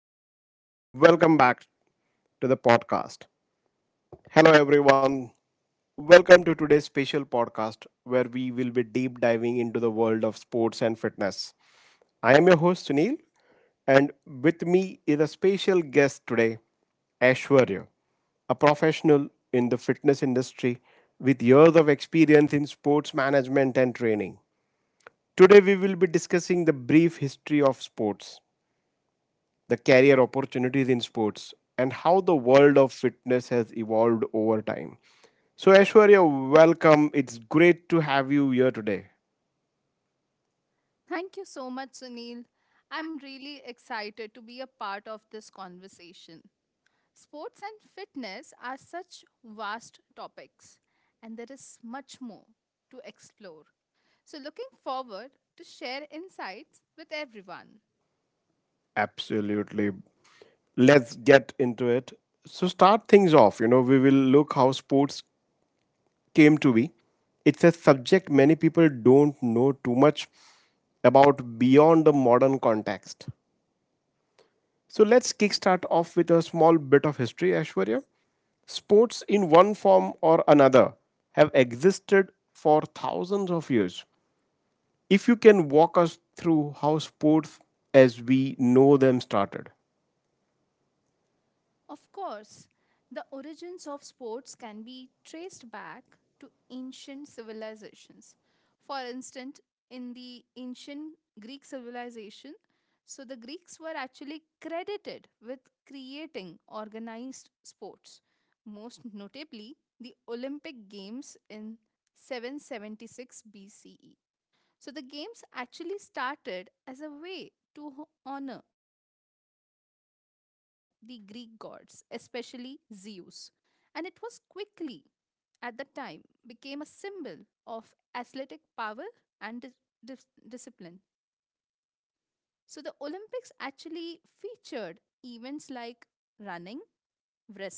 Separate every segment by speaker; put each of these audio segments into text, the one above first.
Speaker 1: morning and welcome back to the podcast. Hello, everyone. Welcome to today's special podcast where we will be deep diving into the world of sports and fitness. I am your host, Sunil, and with me is a special guest today, Ashwarya, a professional in the fitness industry with years of experience in sports management and training. Today, we will be discussing the brief history of sports, the career opportunities in sports, and how the world of fitness has evolved over time. So, Aishwarya, welcome. It's great to have you here today.
Speaker 2: Thank you so much, Sunil. I'm really excited to be a part of this conversation. Sports and fitness are such vast topics, and there is much more to explore. So, looking forward to share insights with everyone.
Speaker 1: Absolutely. Let's get into it. So, start things off. We will look how sports came to be. It's a subject many people don't know too much about beyond the modern context. So let's kickstart off with a small bit of history, Ashwarya. Sports, in one form or another, have existed for thousands of years. If you can walk us through how sports as we know them started.
Speaker 2: Of course, the origins of sports can be traced back to ancient civilizations. For instance, in the ancient Greek civilization, so the Greeks were actually credited with creating organized sports, most notably the Olympic Games in 776 BCE. So the games actually started as a way to honor the Greek gods, especially Zeus. And it was quickly, at that time, became a symbol of athletic power and dis- discipline. So the Olympics actually featured events like running, wrestling,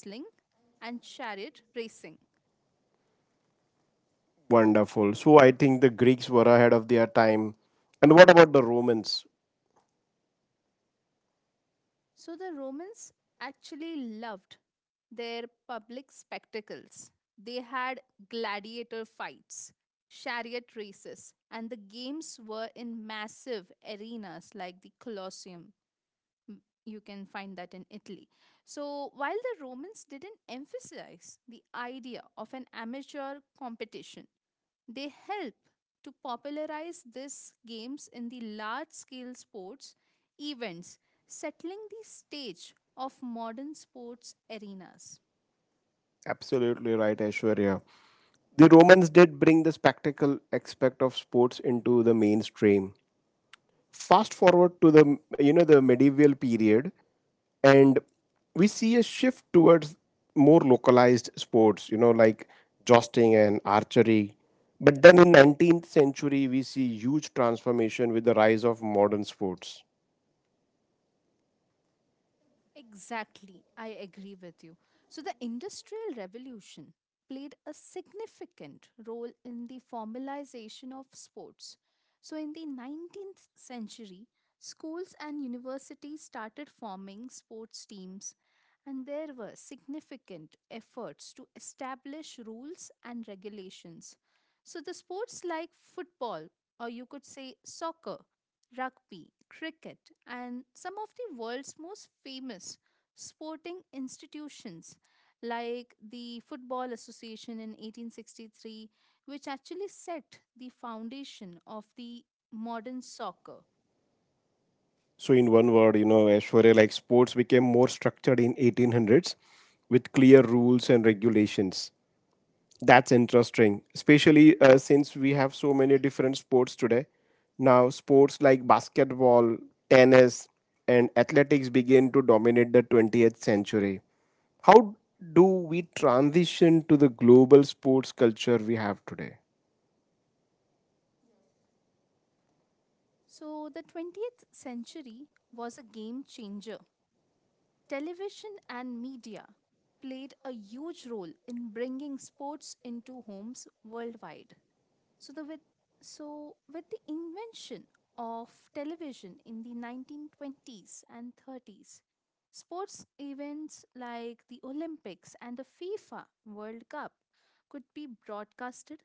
Speaker 2: and chariot racing.
Speaker 1: Wonderful. So I think the Greeks were ahead of their time. And what about the Romans?
Speaker 2: So the Romans actually loved their public spectacles. They had gladiator fights, chariot races, and the games were in massive arenas like the Colosseum. You can find that in Italy. So while the Romans didn't emphasize the idea of an amateur competition, they help to popularize these games in the large scale sports events, settling the stage of modern sports arenas.
Speaker 1: Absolutely right, Ashwarya. The Romans did bring the spectacle aspect of sports into the mainstream. Fast forward to the you know the medieval period, and we see a shift towards more localized sports, You know, like jousting and archery. But then in 19th century, we see huge transformation with the rise of modern sports.
Speaker 2: Exactly, I agree with you. So, the Industrial Revolution played a significant role in the formalization of sports. So, in the 19th century, schools and universities started forming sports teams, and there were significant efforts to establish rules and regulations. So, the sports like football, or you could say soccer, rugby, cricket, and some of the world's most famous sporting institutions like the Football Association in 1863, which actually set the foundation of the modern soccer.
Speaker 1: So in one word, Aishwarya, like sports became more structured in 1800s with clear rules and regulations. That's interesting, especially since we have so many different sports today. Now, sports like basketball, tennis, and athletics begin to dominate the 20th century. How do we transition to the global sports culture we have today?
Speaker 2: So, the 20th century was a game changer. Television and media played a huge role in bringing sports into homes worldwide. So the with so with the invention of television in the 1920s and 30s, sports events like the Olympics and the FIFA World Cup could be broadcasted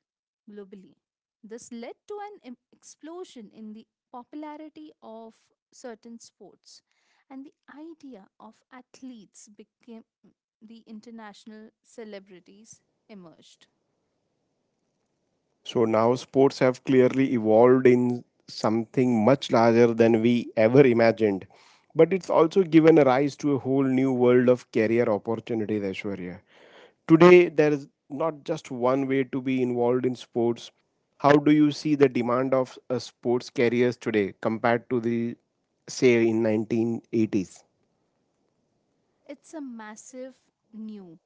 Speaker 2: globally. This led to an explosion in the popularity of certain sports and the idea of athletes became the international celebrities emerged.
Speaker 1: So now sports have clearly evolved in something much larger than we ever imagined. But it's also given a rise to a whole new world of career opportunities, Aishwarya. Today, there is not just one way to be involved in sports. How do you see the demand of a sports careers today compared to the, say, in 1980s?
Speaker 2: It's a massive new.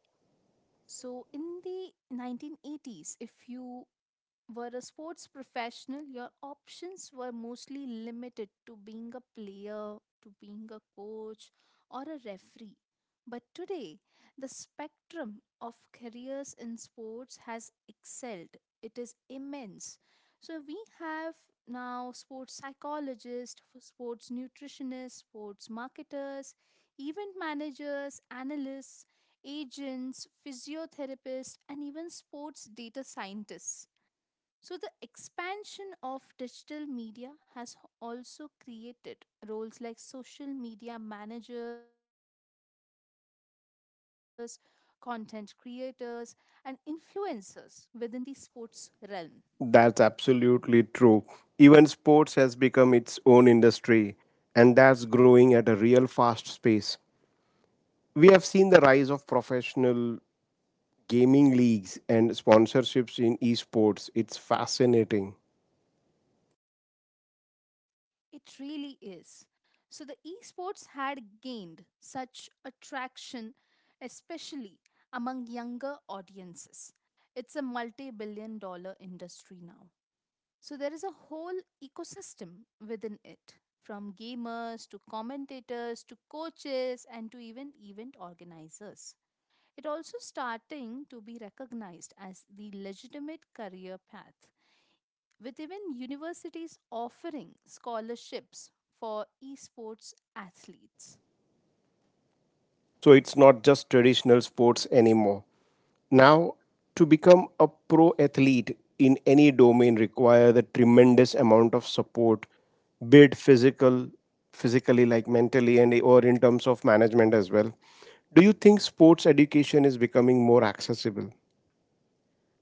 Speaker 2: So, in the 1980s, if you were a sports professional, your options were mostly limited to being a player, to being a coach, or a referee. But today, the spectrum of careers in sports has excelled. It is immense. So, we have now sports psychologists, sports nutritionists, sports marketers, event managers, analysts, agents, physiotherapists, and even sports data scientists. So, the expansion of digital media has also created roles like social media managers, content creators, and influencers within the sports realm.
Speaker 1: That's absolutely true. Even sports has become its own industry, and that's growing at a real fast pace. We have seen the rise of professional gaming leagues and sponsorships in esports. It's fascinating.
Speaker 2: It really is. So, the esports had gained such attraction, especially among younger audiences. It's a multi billion-dollar industry now. So there is a whole ecosystem within it, from gamers to commentators to coaches and to even event organizers. It also starting to be recognized as the legitimate career path, with even universities offering scholarships for esports athletes.
Speaker 1: So it's not just traditional sports anymore. Now, to become a pro athlete in any domain requires a tremendous amount of support, be it physical, physically like mentally and or in terms of management as well. Do you think sports education is becoming more accessible?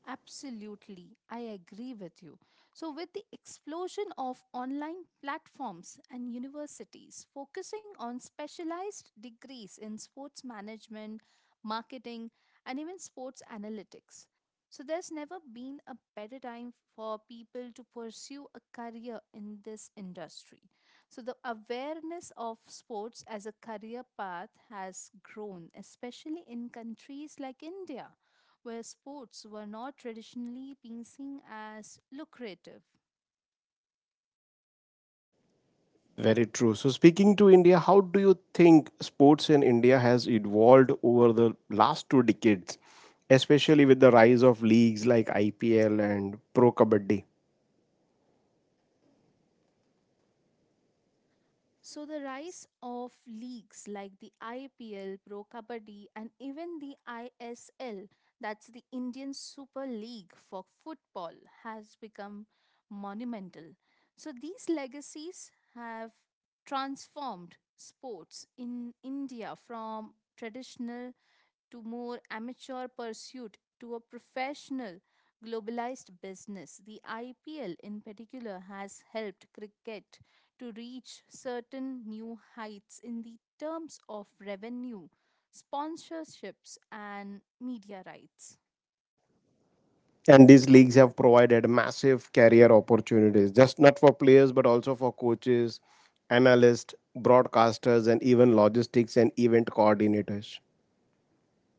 Speaker 2: Absolutely, I agree with you. So, with the explosion of online platforms and universities focusing on specialized degrees in sports management, marketing, and even sports analytics, so there's never been a better time for people to pursue a career in this industry. So the awareness of sports as a career path has grown, especially in countries like India, where sports were not traditionally being seen as lucrative.
Speaker 1: Very true. So speaking to India, how do you think sports in India has evolved over the last two decades, especially with the rise of leagues like IPL and Pro Kabaddi?
Speaker 2: So the rise of leagues like the IPL, Pro Kabaddi and even the ISL, that's the Indian Super League for football, has become monumental. So these legacies have transformed sports in India from traditional to more amateur pursuit to a professional globalized business. The IPL in particular has helped cricket to reach certain new heights in the terms of revenue, sponsorships, and media rights.
Speaker 1: And these leagues have provided massive career opportunities, just not for players, but also for coaches, analysts, broadcasters, and even logistics and event coordinators.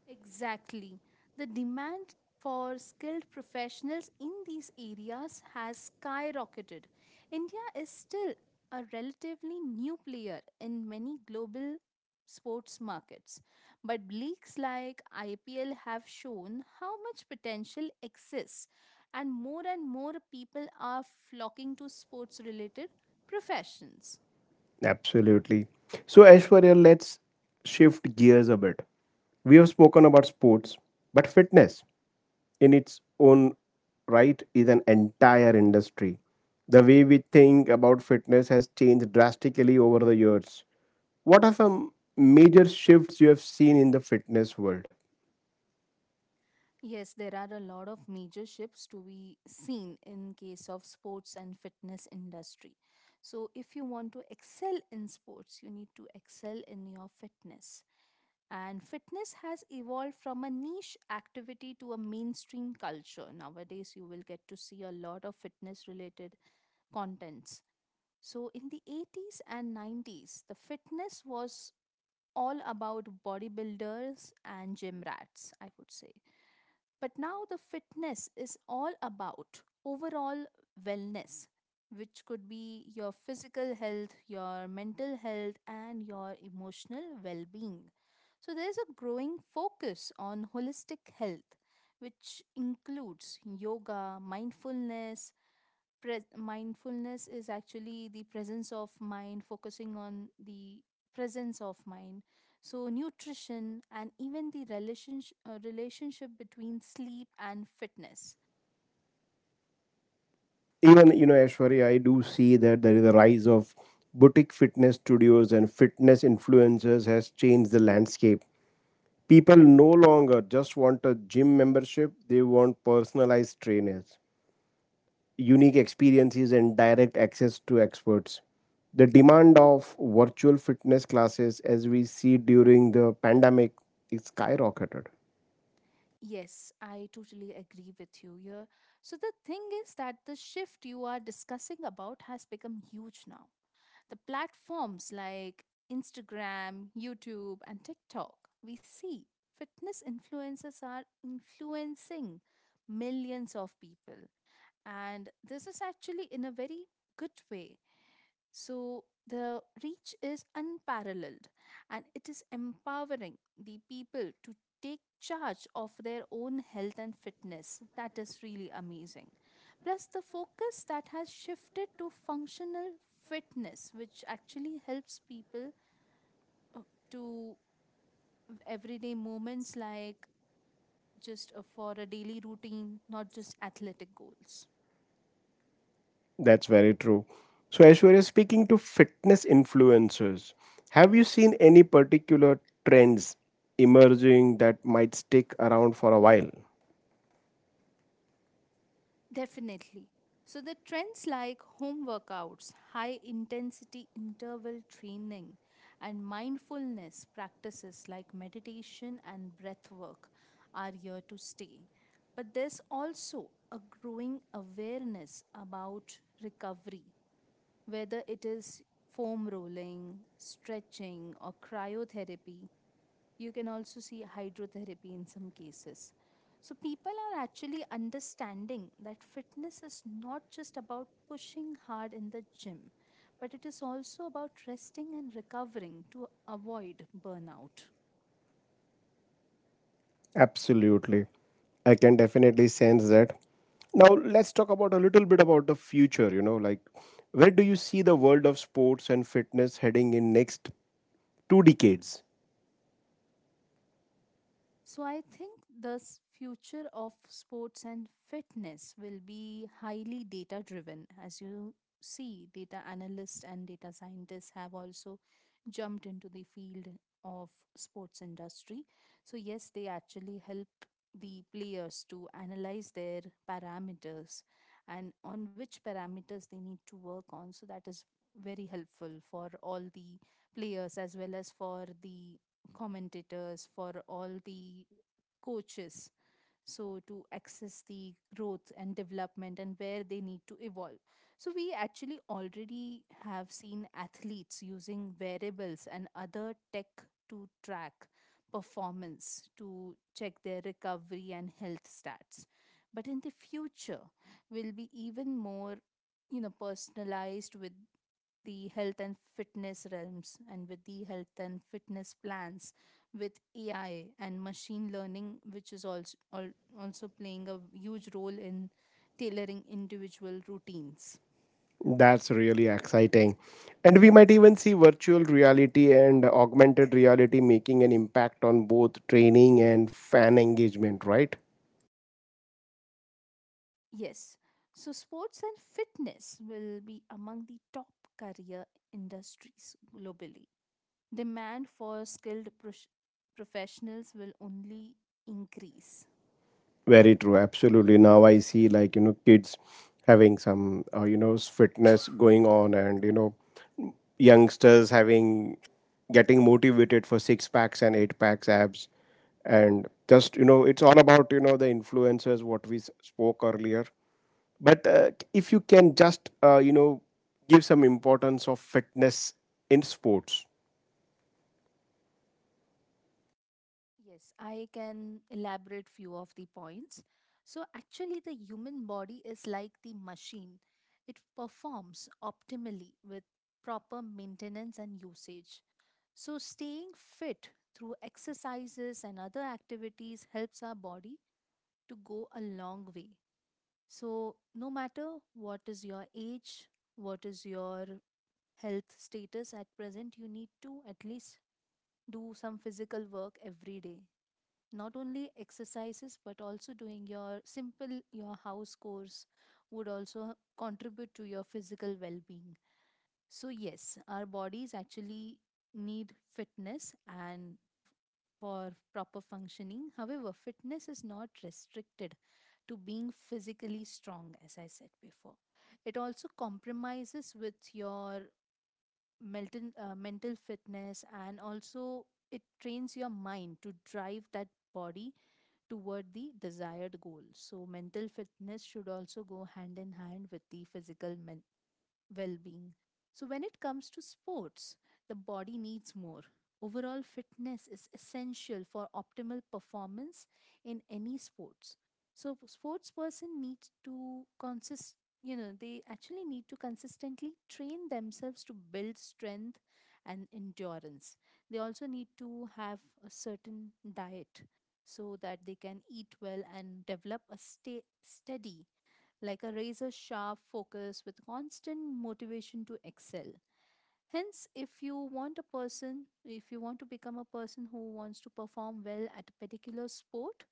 Speaker 2: Exactly. The demand for skilled professionals in these areas has skyrocketed. India is still a relatively new player in many global sports markets, but leagues like IPL have shown how much potential exists, and more people are flocking to sports related professions.
Speaker 1: Absolutely. So, Aishwarya, let's shift gears a bit. We have spoken about sports, but fitness in its own right is an entire industry. The way we think about fitness has changed drastically over the years. What are some major shifts you have seen in the fitness world?
Speaker 2: Yes, there are a lot of major shifts to be seen in case of sports and fitness industry. So if you want to excel in sports, you need to excel in your fitness. And fitness has evolved from a niche activity to a mainstream culture. Nowadays, you will get to see a lot of fitness related contents. So in the 80s and 90s, the fitness was all about bodybuilders and gym rats, I would say. But now the fitness is all about overall wellness, which could be your physical health, your mental health, and your emotional well being. So there's a growing focus on holistic health, which includes yoga, mindfulness. Pres mindfulness is actually the presence of mind, focusing on the presence of mind. So, nutrition and even the relationship between sleep and fitness.
Speaker 1: Even, Ashwari, I do see that there is a rise of boutique fitness studios and fitness influencers has changed the landscape. People no longer just want a gym membership, they want personalized trainers, unique experiences and direct access to experts. The demand of virtual fitness classes, as we see during the pandemic, is skyrocketed.
Speaker 2: Yes, I totally agree with you here. So, the thing is that the shift you are discussing about has become huge now the platforms like Instagram, YouTube, and TikTok, we see fitness influencers are influencing millions of people. And this is actually in a very good way, so the reach is unparalleled and it is empowering the people to take charge of their own health and fitness. That is really amazing. Plus, the focus that has shifted to functional fitness, which actually helps people uh, to everyday moments like just for a daily routine, not just athletic goals.
Speaker 1: That's very true. So, Aishwarya, speaking to fitness influencers, have you seen any particular trends emerging that might stick around for a while?
Speaker 2: Definitely. So, the trends like home workouts, high intensity interval training, and mindfulness practices like meditation and breath work are here to stay. But there's also a growing awareness about recovery, whether it is foam rolling, stretching, or cryotherapy. You can also see hydrotherapy in some cases. So, people are actually understanding that fitness is not just about pushing hard in the gym, but it is also about resting and recovering to avoid burnout.
Speaker 1: Absolutely. I can definitely sense that. Now let's talk about a little bit about the future, like where do you see the world of sports and fitness heading in next 2 decades?
Speaker 2: So I think the future of sports and fitness will be highly data driven. As you see, data analysts and data scientists have also jumped into the field of sports industry. So yes, they actually help the players to analyze their parameters and on which parameters they need to work on. So that is very helpful for all the players as well as for the commentators, for all the coaches. So, to access the growth and development and where they need to evolve. So, we actually already have seen athletes using variables and other tech to track performance, to check their recovery and health stats. But in the future, will be even more, you know, personalized with the health and fitness realms and with the health and fitness plans with AI and machine learning, which is also playing a huge role in tailoring individual routines.
Speaker 1: That's really exciting. And we might even see virtual reality and augmented reality making an impact on both training and fan engagement, right?
Speaker 2: Yes, so sports and fitness will be among the top career industries globally. Demand for skilled professionals will only increase.
Speaker 1: Very true. Absolutely. Now I see like, kids having some, fitness going on and, youngsters having getting motivated for six packs and eight packs abs and just it's all about the influencers what we spoke earlier, but if you can just give some importance of fitness in sports.
Speaker 2: Yes, I can elaborate few of the points. So actually the human body is like the machine. It performs optimally with proper maintenance and usage. So staying fit through exercises and other activities helps our body to go a long way. So no matter what is your age, what is your health status at present, you need to at least do some physical work every day, not only exercises but also doing your simple your house chores would also contribute to your physical well-being. So yes, our bodies actually need fitness and for proper functioning. However, fitness is not restricted to being physically strong. As I said before, it also compromises with your mental fitness, and also it trains your mind to drive that body toward the desired goal. So mental fitness should also go hand in hand with the physical well being. So, when it comes to sports, the body needs more. Overall fitness is essential for optimal performance in any sports. So, sports person needs to they actually need to consistently train themselves to build strength and endurance. They also need to have a certain diet so that they can eat well and develop a stay steady like a razor sharp focus with constant motivation to excel. Hence, if you want a person, if you want to become a person who wants to perform well at a particular sport,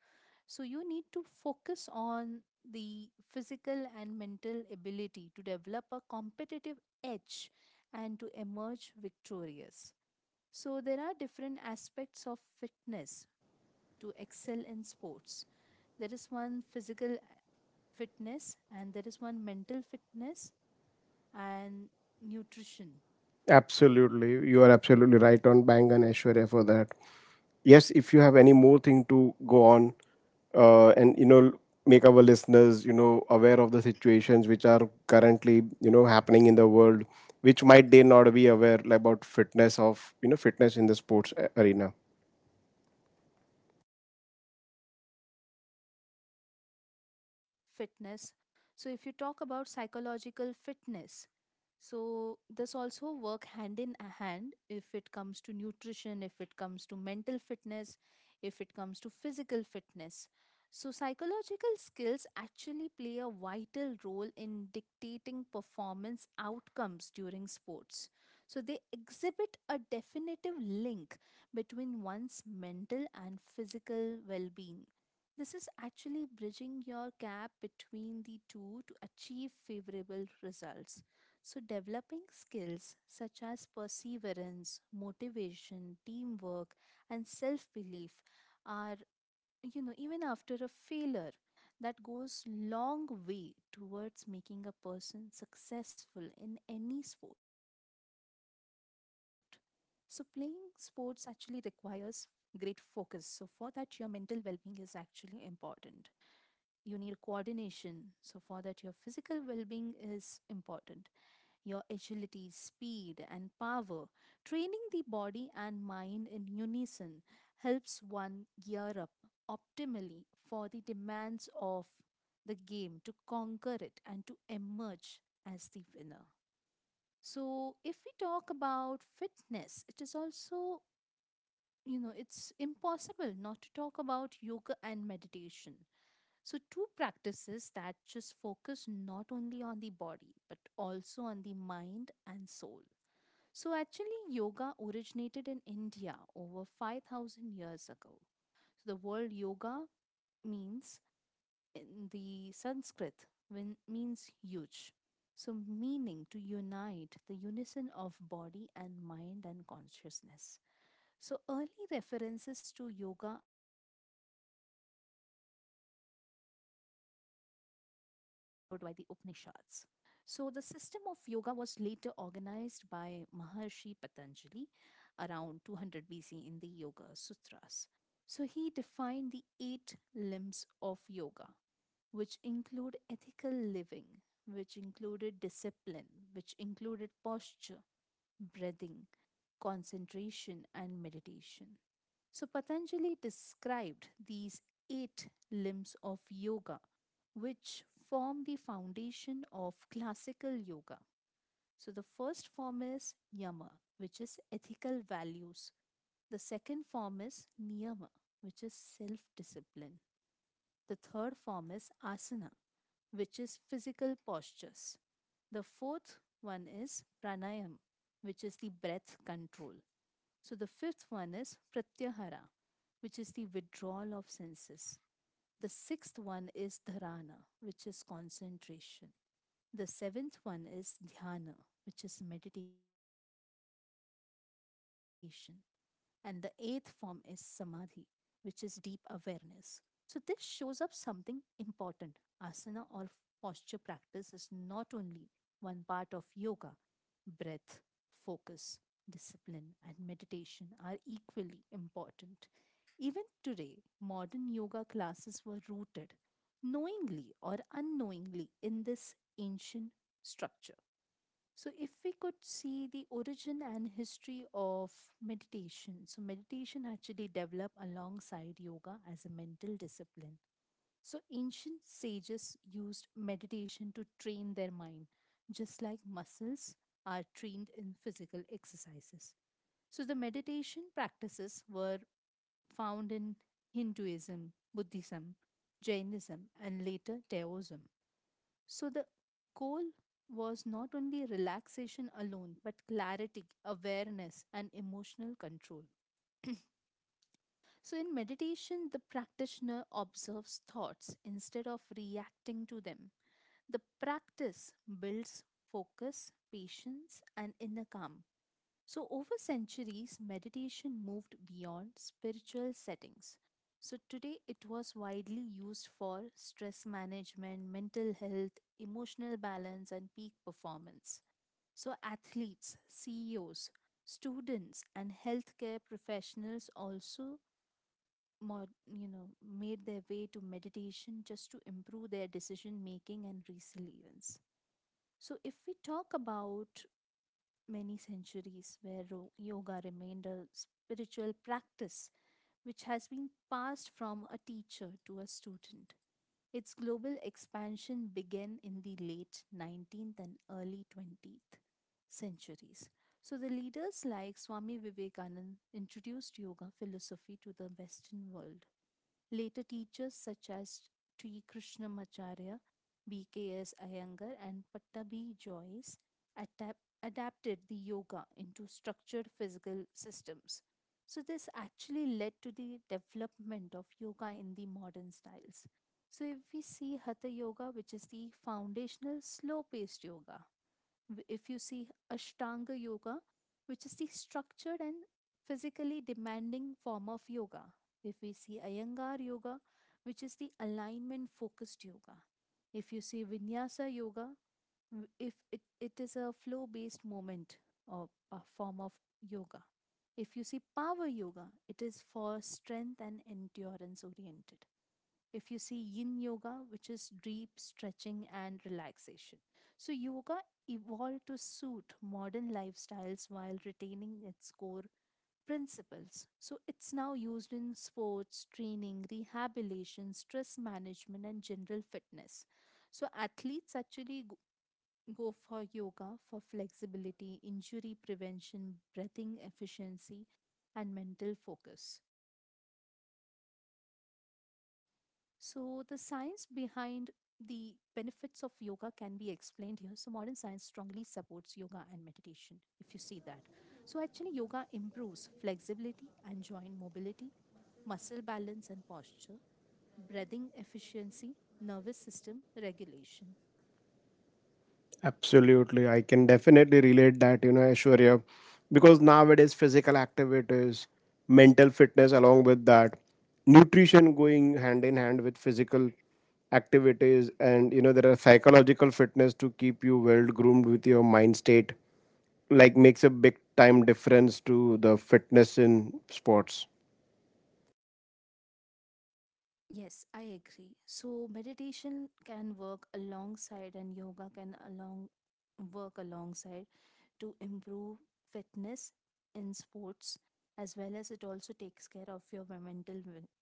Speaker 2: so you need to focus on the physical and mental ability to develop a competitive edge and to emerge victorious. So, there are different aspects of fitness to excel in sports. There is one physical fitness and there is one mental fitness and nutrition
Speaker 1: Absolutely, you are absolutely right on bang and, Aishwarya, for that. Yes, if you have any more thing to go on, and make our listeners aware of the situations which are currently happening in the world, which might they not be aware about fitness of fitness in the sports arena.
Speaker 2: fitness. So, if you talk about psychological fitness, so this also work hand in hand if it comes to nutrition, if it comes to mental fitness, if it comes to physical fitness. So, psychological skills actually play a vital role in dictating performance outcomes during sports. So, they exhibit a definitive link between one's mental and physical well being. This is actually bridging your gap between the two to achieve favorable results. So, developing skills such as perseverance, motivation, teamwork, and self belief are, even after a failure, that goes long way towards making a person successful in any sport. So, playing sports actually requires great focus. So, for that, your mental well being is actually important. You need coordination. So, for that, your physical well being is important. Your agility, speed, and power. Training the body and mind in unison helps one gear up optimally for the demands of the game to conquer it and to emerge as the winner. So, if we talk about fitness, it is also, it's impossible not to talk about yoga and meditation. So, two practices that just focus not only on the body but also on the mind and soul. So, actually, yoga originated in India over 5,000 years ago. So, the word yoga means in the Sanskrit when, means huge. So, meaning to unite the unison of body and mind and consciousness. So, early references to yoga were found in ancient texts like the Vedas, followed by the Upanishads. So, the system of yoga was later organized by Maharshi Patanjali around 200 BC in the Yoga Sutras. So, he defined the eight limbs of yoga, which include ethical living, which included discipline, which included posture, breathing, concentration, and meditation. So, Patanjali described these eight limbs of yoga, which form the foundation of classical yoga. So, the first form is yama, which is ethical values. The second form is niyama, which is self discipline. The third form is asana, which is physical postures. The fourth one is pranayam, which is the breath control. So, the fifth one is pratyahara, which is the withdrawal of senses. The sixth one is dharana, which is concentration. The seventh one is dhyana, which is meditation. And the eighth form is samadhi, which is deep awareness. So, this shows up something important. Asana or posture practice is not only one part of yoga, breath, focus, discipline, and meditation are equally important. Even today, modern yoga classes were rooted, knowingly or unknowingly, in this ancient structure. So, if we could see the origin and history of meditation, so meditation actually developed alongside yoga as a mental discipline. So, ancient sages used meditation to train their mind, just like muscles are trained in physical exercises. So, the meditation practices were found in Hinduism, Buddhism, Jainism, and later Taoism. So, the goal was not only relaxation alone, but clarity, awareness, and emotional control. So, in meditation, the practitioner observes thoughts instead of reacting to them. The practice builds focus, patience, and inner calm. So, over centuries, meditation moved beyond spiritual settings. So, today it was widely used for stress management, mental health, emotional balance, and peak performance. So, athletes, CEOs, students, and healthcare professionals also made their way to meditation just to improve their decision making and resilience. So, if we talk about many centuries where yoga remained a spiritual practice which has been passed from a teacher to a student. Its global expansion began in the late 19th and early 20th centuries. So, the leaders like Swami Vivekananda introduced yoga philosophy to the Western world. Later teachers such as T. Krishnamacharya, B.K.S. Iyengar, and Pattabhi Joyce adapted the yoga into structured physical systems. So, this actually led to the development of yoga in the modern styles. So, if we see Hatha Yoga, which is the foundational slow paced yoga. If you see Ashtanga Yoga, which is the structured and physically demanding form of yoga. If we see Iyengar Yoga, which is the alignment focused yoga. If you see Vinyasa Yoga, w- if it, it is a flow based movement or a form of yoga. If you see Power Yoga, it is for strength and endurance oriented. If you see Yin Yoga, which is deep stretching and relaxation. So, yoga evolved to suit modern lifestyles while retaining its core principles. So, it's now used in sports training, rehabilitation, stress management, and general fitness. So, athletes actually go for yoga for flexibility, injury prevention, breathing efficiency, and mental focus. So, the science behind the benefits of yoga can be explained here. So, modern science strongly supports yoga and meditation, if you see that. So, actually, yoga improves flexibility and joint mobility, muscle balance and posture, breathing efficiency, nervous system regulation.
Speaker 1: Absolutely. I can definitely relate that, Aishwarya, because nowadays physical activities, mental fitness along with that, nutrition going hand in hand with physical activities, and there are psychological fitness to keep you well groomed with your mind state like makes a big time difference to the fitness in sports.
Speaker 2: Yes, I agree. So, meditation can work alongside, and yoga can along work alongside to improve fitness in sports, as well as it also takes care of your mental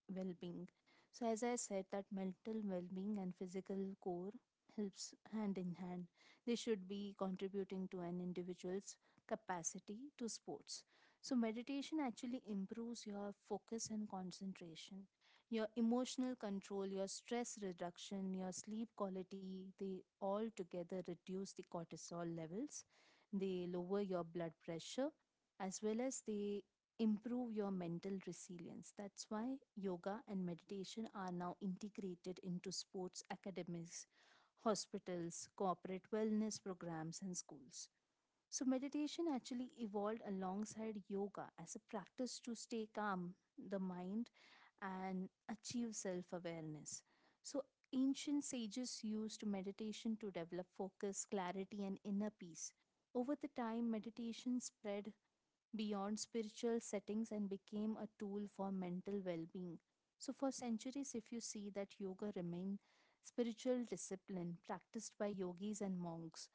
Speaker 2: well being. So, as I said, that mental well being and physical core helps hand in hand. They should be contributing to an individual's capacity to sports. So, meditation actually improves your focus and concentration, your emotional control, your stress reduction, your sleep quality. They all together reduce the cortisol levels. They lower your blood pressure as well as they improve your mental resilience. That's why yoga and meditation are now integrated into sports academies, hospitals, corporate wellness programs, and schools. So, meditation actually evolved alongside yoga as a practice to stay calm the mind and achieve self awareness. So, ancient sages used meditation to develop focus, clarity, and inner peace. Over the time, meditation spread beyond spiritual settings and became a tool for mental well being. So, for centuries, if you see that, yoga remained spiritual discipline practiced by yogis and monks.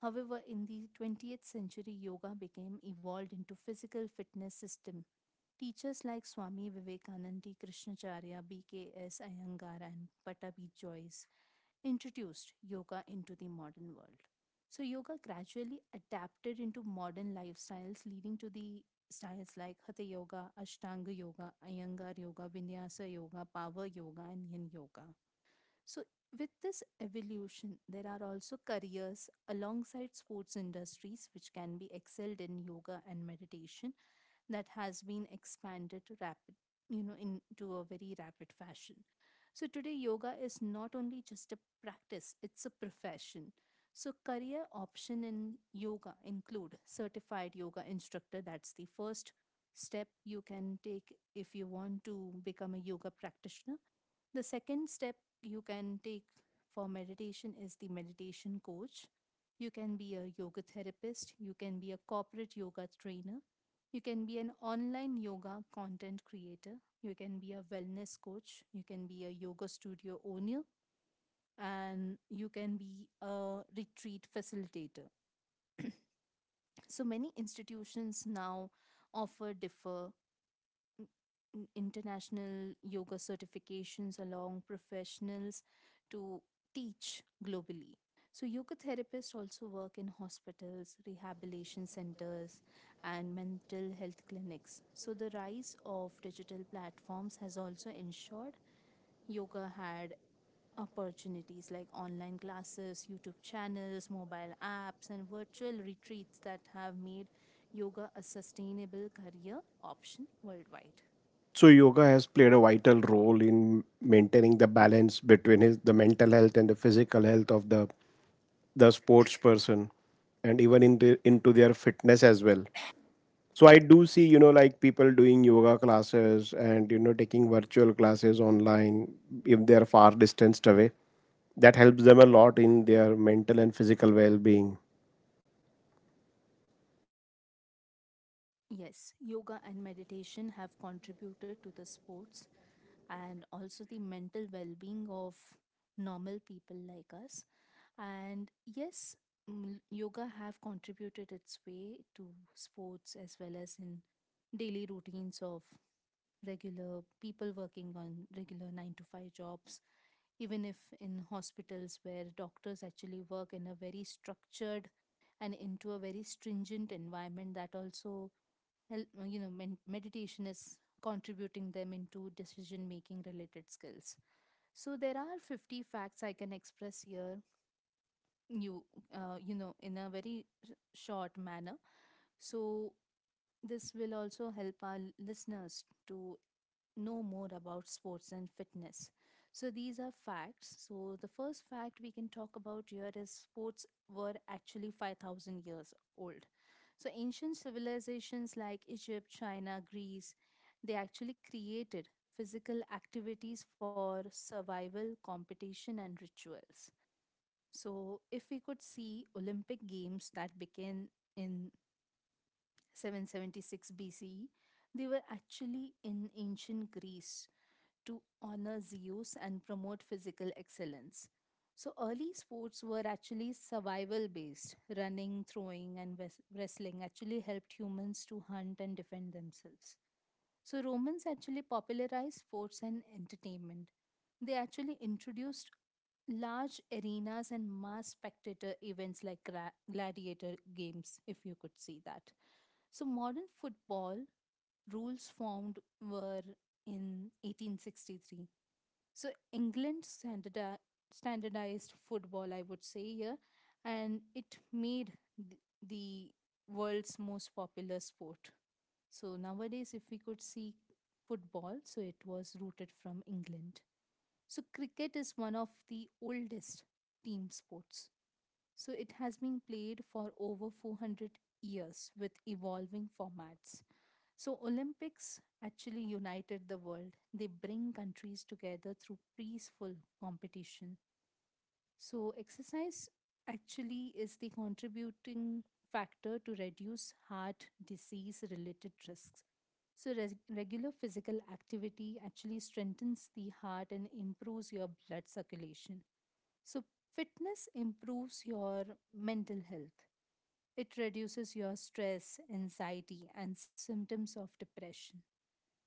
Speaker 2: However, in the 20th century, yoga became evolved into physical fitness system. Teachers like Swami Vivekananda, Krishnacharya, B.K.S. Iyengar, and Patabi Joyce introduced yoga into the modern world. So, yoga gradually adapted into modern lifestyles, leading to the styles like Hatha yoga, Ashtanga yoga, Iyengar yoga, Vinyasa yoga, Power yoga, and Yin yoga. So, with this evolution, there are also careers alongside sports industries which can be excelled in yoga and meditation, that has been expanded rapid into a very rapid fashion. So, today yoga is not only just a practice, it's a profession. So, career option in yoga include certified yoga instructor. That's the first step you can take if you want to become a yoga practitioner. The second step you can take for meditation is the meditation coach. You can be a yoga therapist, you can be a corporate yoga trainer, you can be an online yoga content creator, you can be a wellness coach, you can be a yoga studio owner, and you can be a retreat facilitator. So, many institutions now offer n- international yoga certifications along professionals to teach globally. So, yoga therapists also work in hospitals, rehabilitation centers, and mental health clinics. So, the rise of digital platforms has also ensured yoga had opportunities like online classes, YouTube channels, mobile apps, and virtual retreats that have made yoga a sustainable career option worldwide.
Speaker 1: So yoga has played a vital role in maintaining the balance between his, the mental health and the physical health of the sports person, and even into their fitness as well. So I do see, like people doing yoga classes and taking virtual classes online if they are far distanced away, that helps them a lot in their mental and physical well-being.
Speaker 2: Yes, yoga and meditation have contributed to the sports and also the mental well being of normal people like us. And yes, yoga have contributed its way to sports as well as in daily routines of regular people working on regular 9 to 5 jobs. Even if in hospitals where doctors actually work in a very structured and into a very stringent environment, that also meditation is contributing them into decision making related skills. So, there are 50 facts I can express here. you in a very short manner. So, this will also help our listeners to know more about sports and fitness. So, these are facts. So, the first fact we can talk about here is sports were actually 5,000 years old. So, ancient civilizations like Egypt, China, Greece, they actually created physical activities for survival, competition, and rituals. So, if we could see Olympic games that began in 776 BCE, they were actually in ancient Greece to honor Zeus and promote physical excellence. So, early sports were actually survival based. Running, throwing, and wrestling actually helped humans to hunt and defend themselves. So, Romans actually popularized sports and entertainment. They actually introduced large arenas and mass spectator events like gladiator games, if you could see that. So, modern football rules formed were in 1863. So, England standardized football, I would say here, and it made the world's most popular sport. So, nowadays, if we could see football, so it was rooted from England. So, cricket is one of the oldest team sports. So, it has been played for over 400 years with evolving formats. So, Olympics actually united the world. They bring countries together through peaceful competition. So, exercise actually is the contributing factor to reduce heart disease related risks. So, regular physical activity actually strengthens the heart and improves your blood circulation. So, fitness improves your mental health. It reduces your stress, anxiety, and symptoms of depression.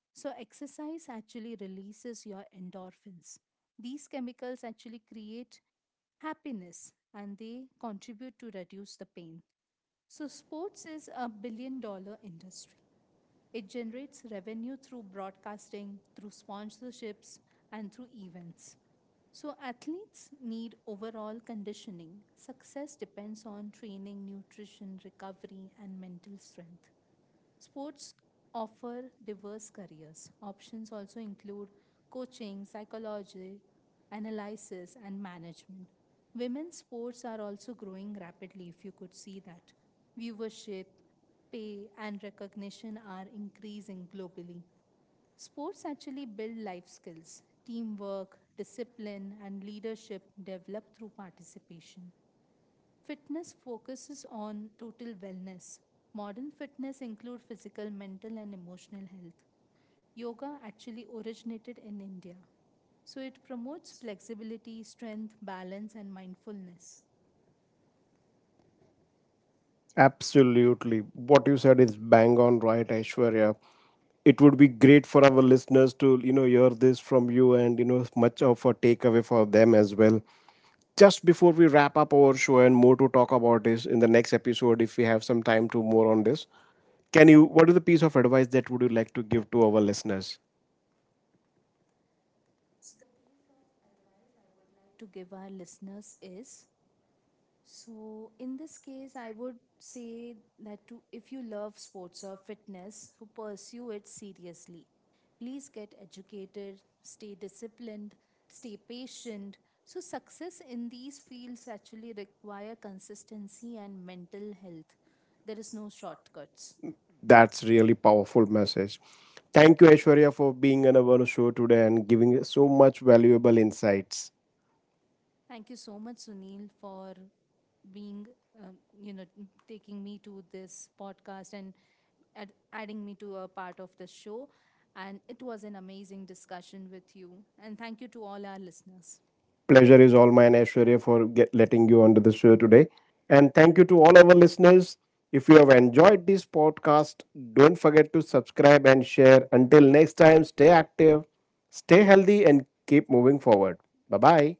Speaker 2: So, exercise actually releases your endorphins. These chemicals actually create happiness and they contribute to reduce the pain. So, sports is $1 billion industry. It generates revenue through broadcasting, through sponsorships, and through events. So, athletes need overall conditioning. Success depends on training, nutrition, recovery, and mental strength. Sports offer diverse careers. Options also include coaching, psychology, analysis, and management. Women's sports are also growing rapidly, if you could see that. Viewership, pay, and recognition are increasing globally. Sports actually build life skills, teamwork, discipline, and leadership developed through participation. Fitness focuses on total wellness. Modern fitness include physical, mental, and emotional health. Yoga actually originated in India. So, it promotes flexibility, strength, balance, and mindfulness.
Speaker 1: Absolutely, what you said is bang on right, Aishwarya. It would be great for our listeners to hear this from you, and much of a takeaway for them as well. Just before we wrap up our show, and more to talk about is in the next episode if we have some time to more on this, can you, what is the piece of advice that would you like to give to our listeners?
Speaker 2: Like to give our listeners is, so in this case I would say that, to if you love sports or fitness, so pursue it seriously. Please get educated, stay disciplined, stay patient. So, success in these fields actually require consistency and mental health. There is no shortcuts.
Speaker 1: That's really powerful message. Thank you, Aishwarya, for being on our show today and giving us so much valuable insights.
Speaker 2: Thank you so much, Sunil, for being, um, you know, taking me to this podcast and adding me to a part of the show. And it was an amazing discussion with you. And thank you to all our listeners.
Speaker 1: Pleasure is all mine, Aishwarya, for get, letting you onto the show today. And thank you to all our listeners. If you have enjoyed this podcast, don't forget to subscribe and share. Until next time, stay active, stay healthy, and keep moving forward. Bye bye.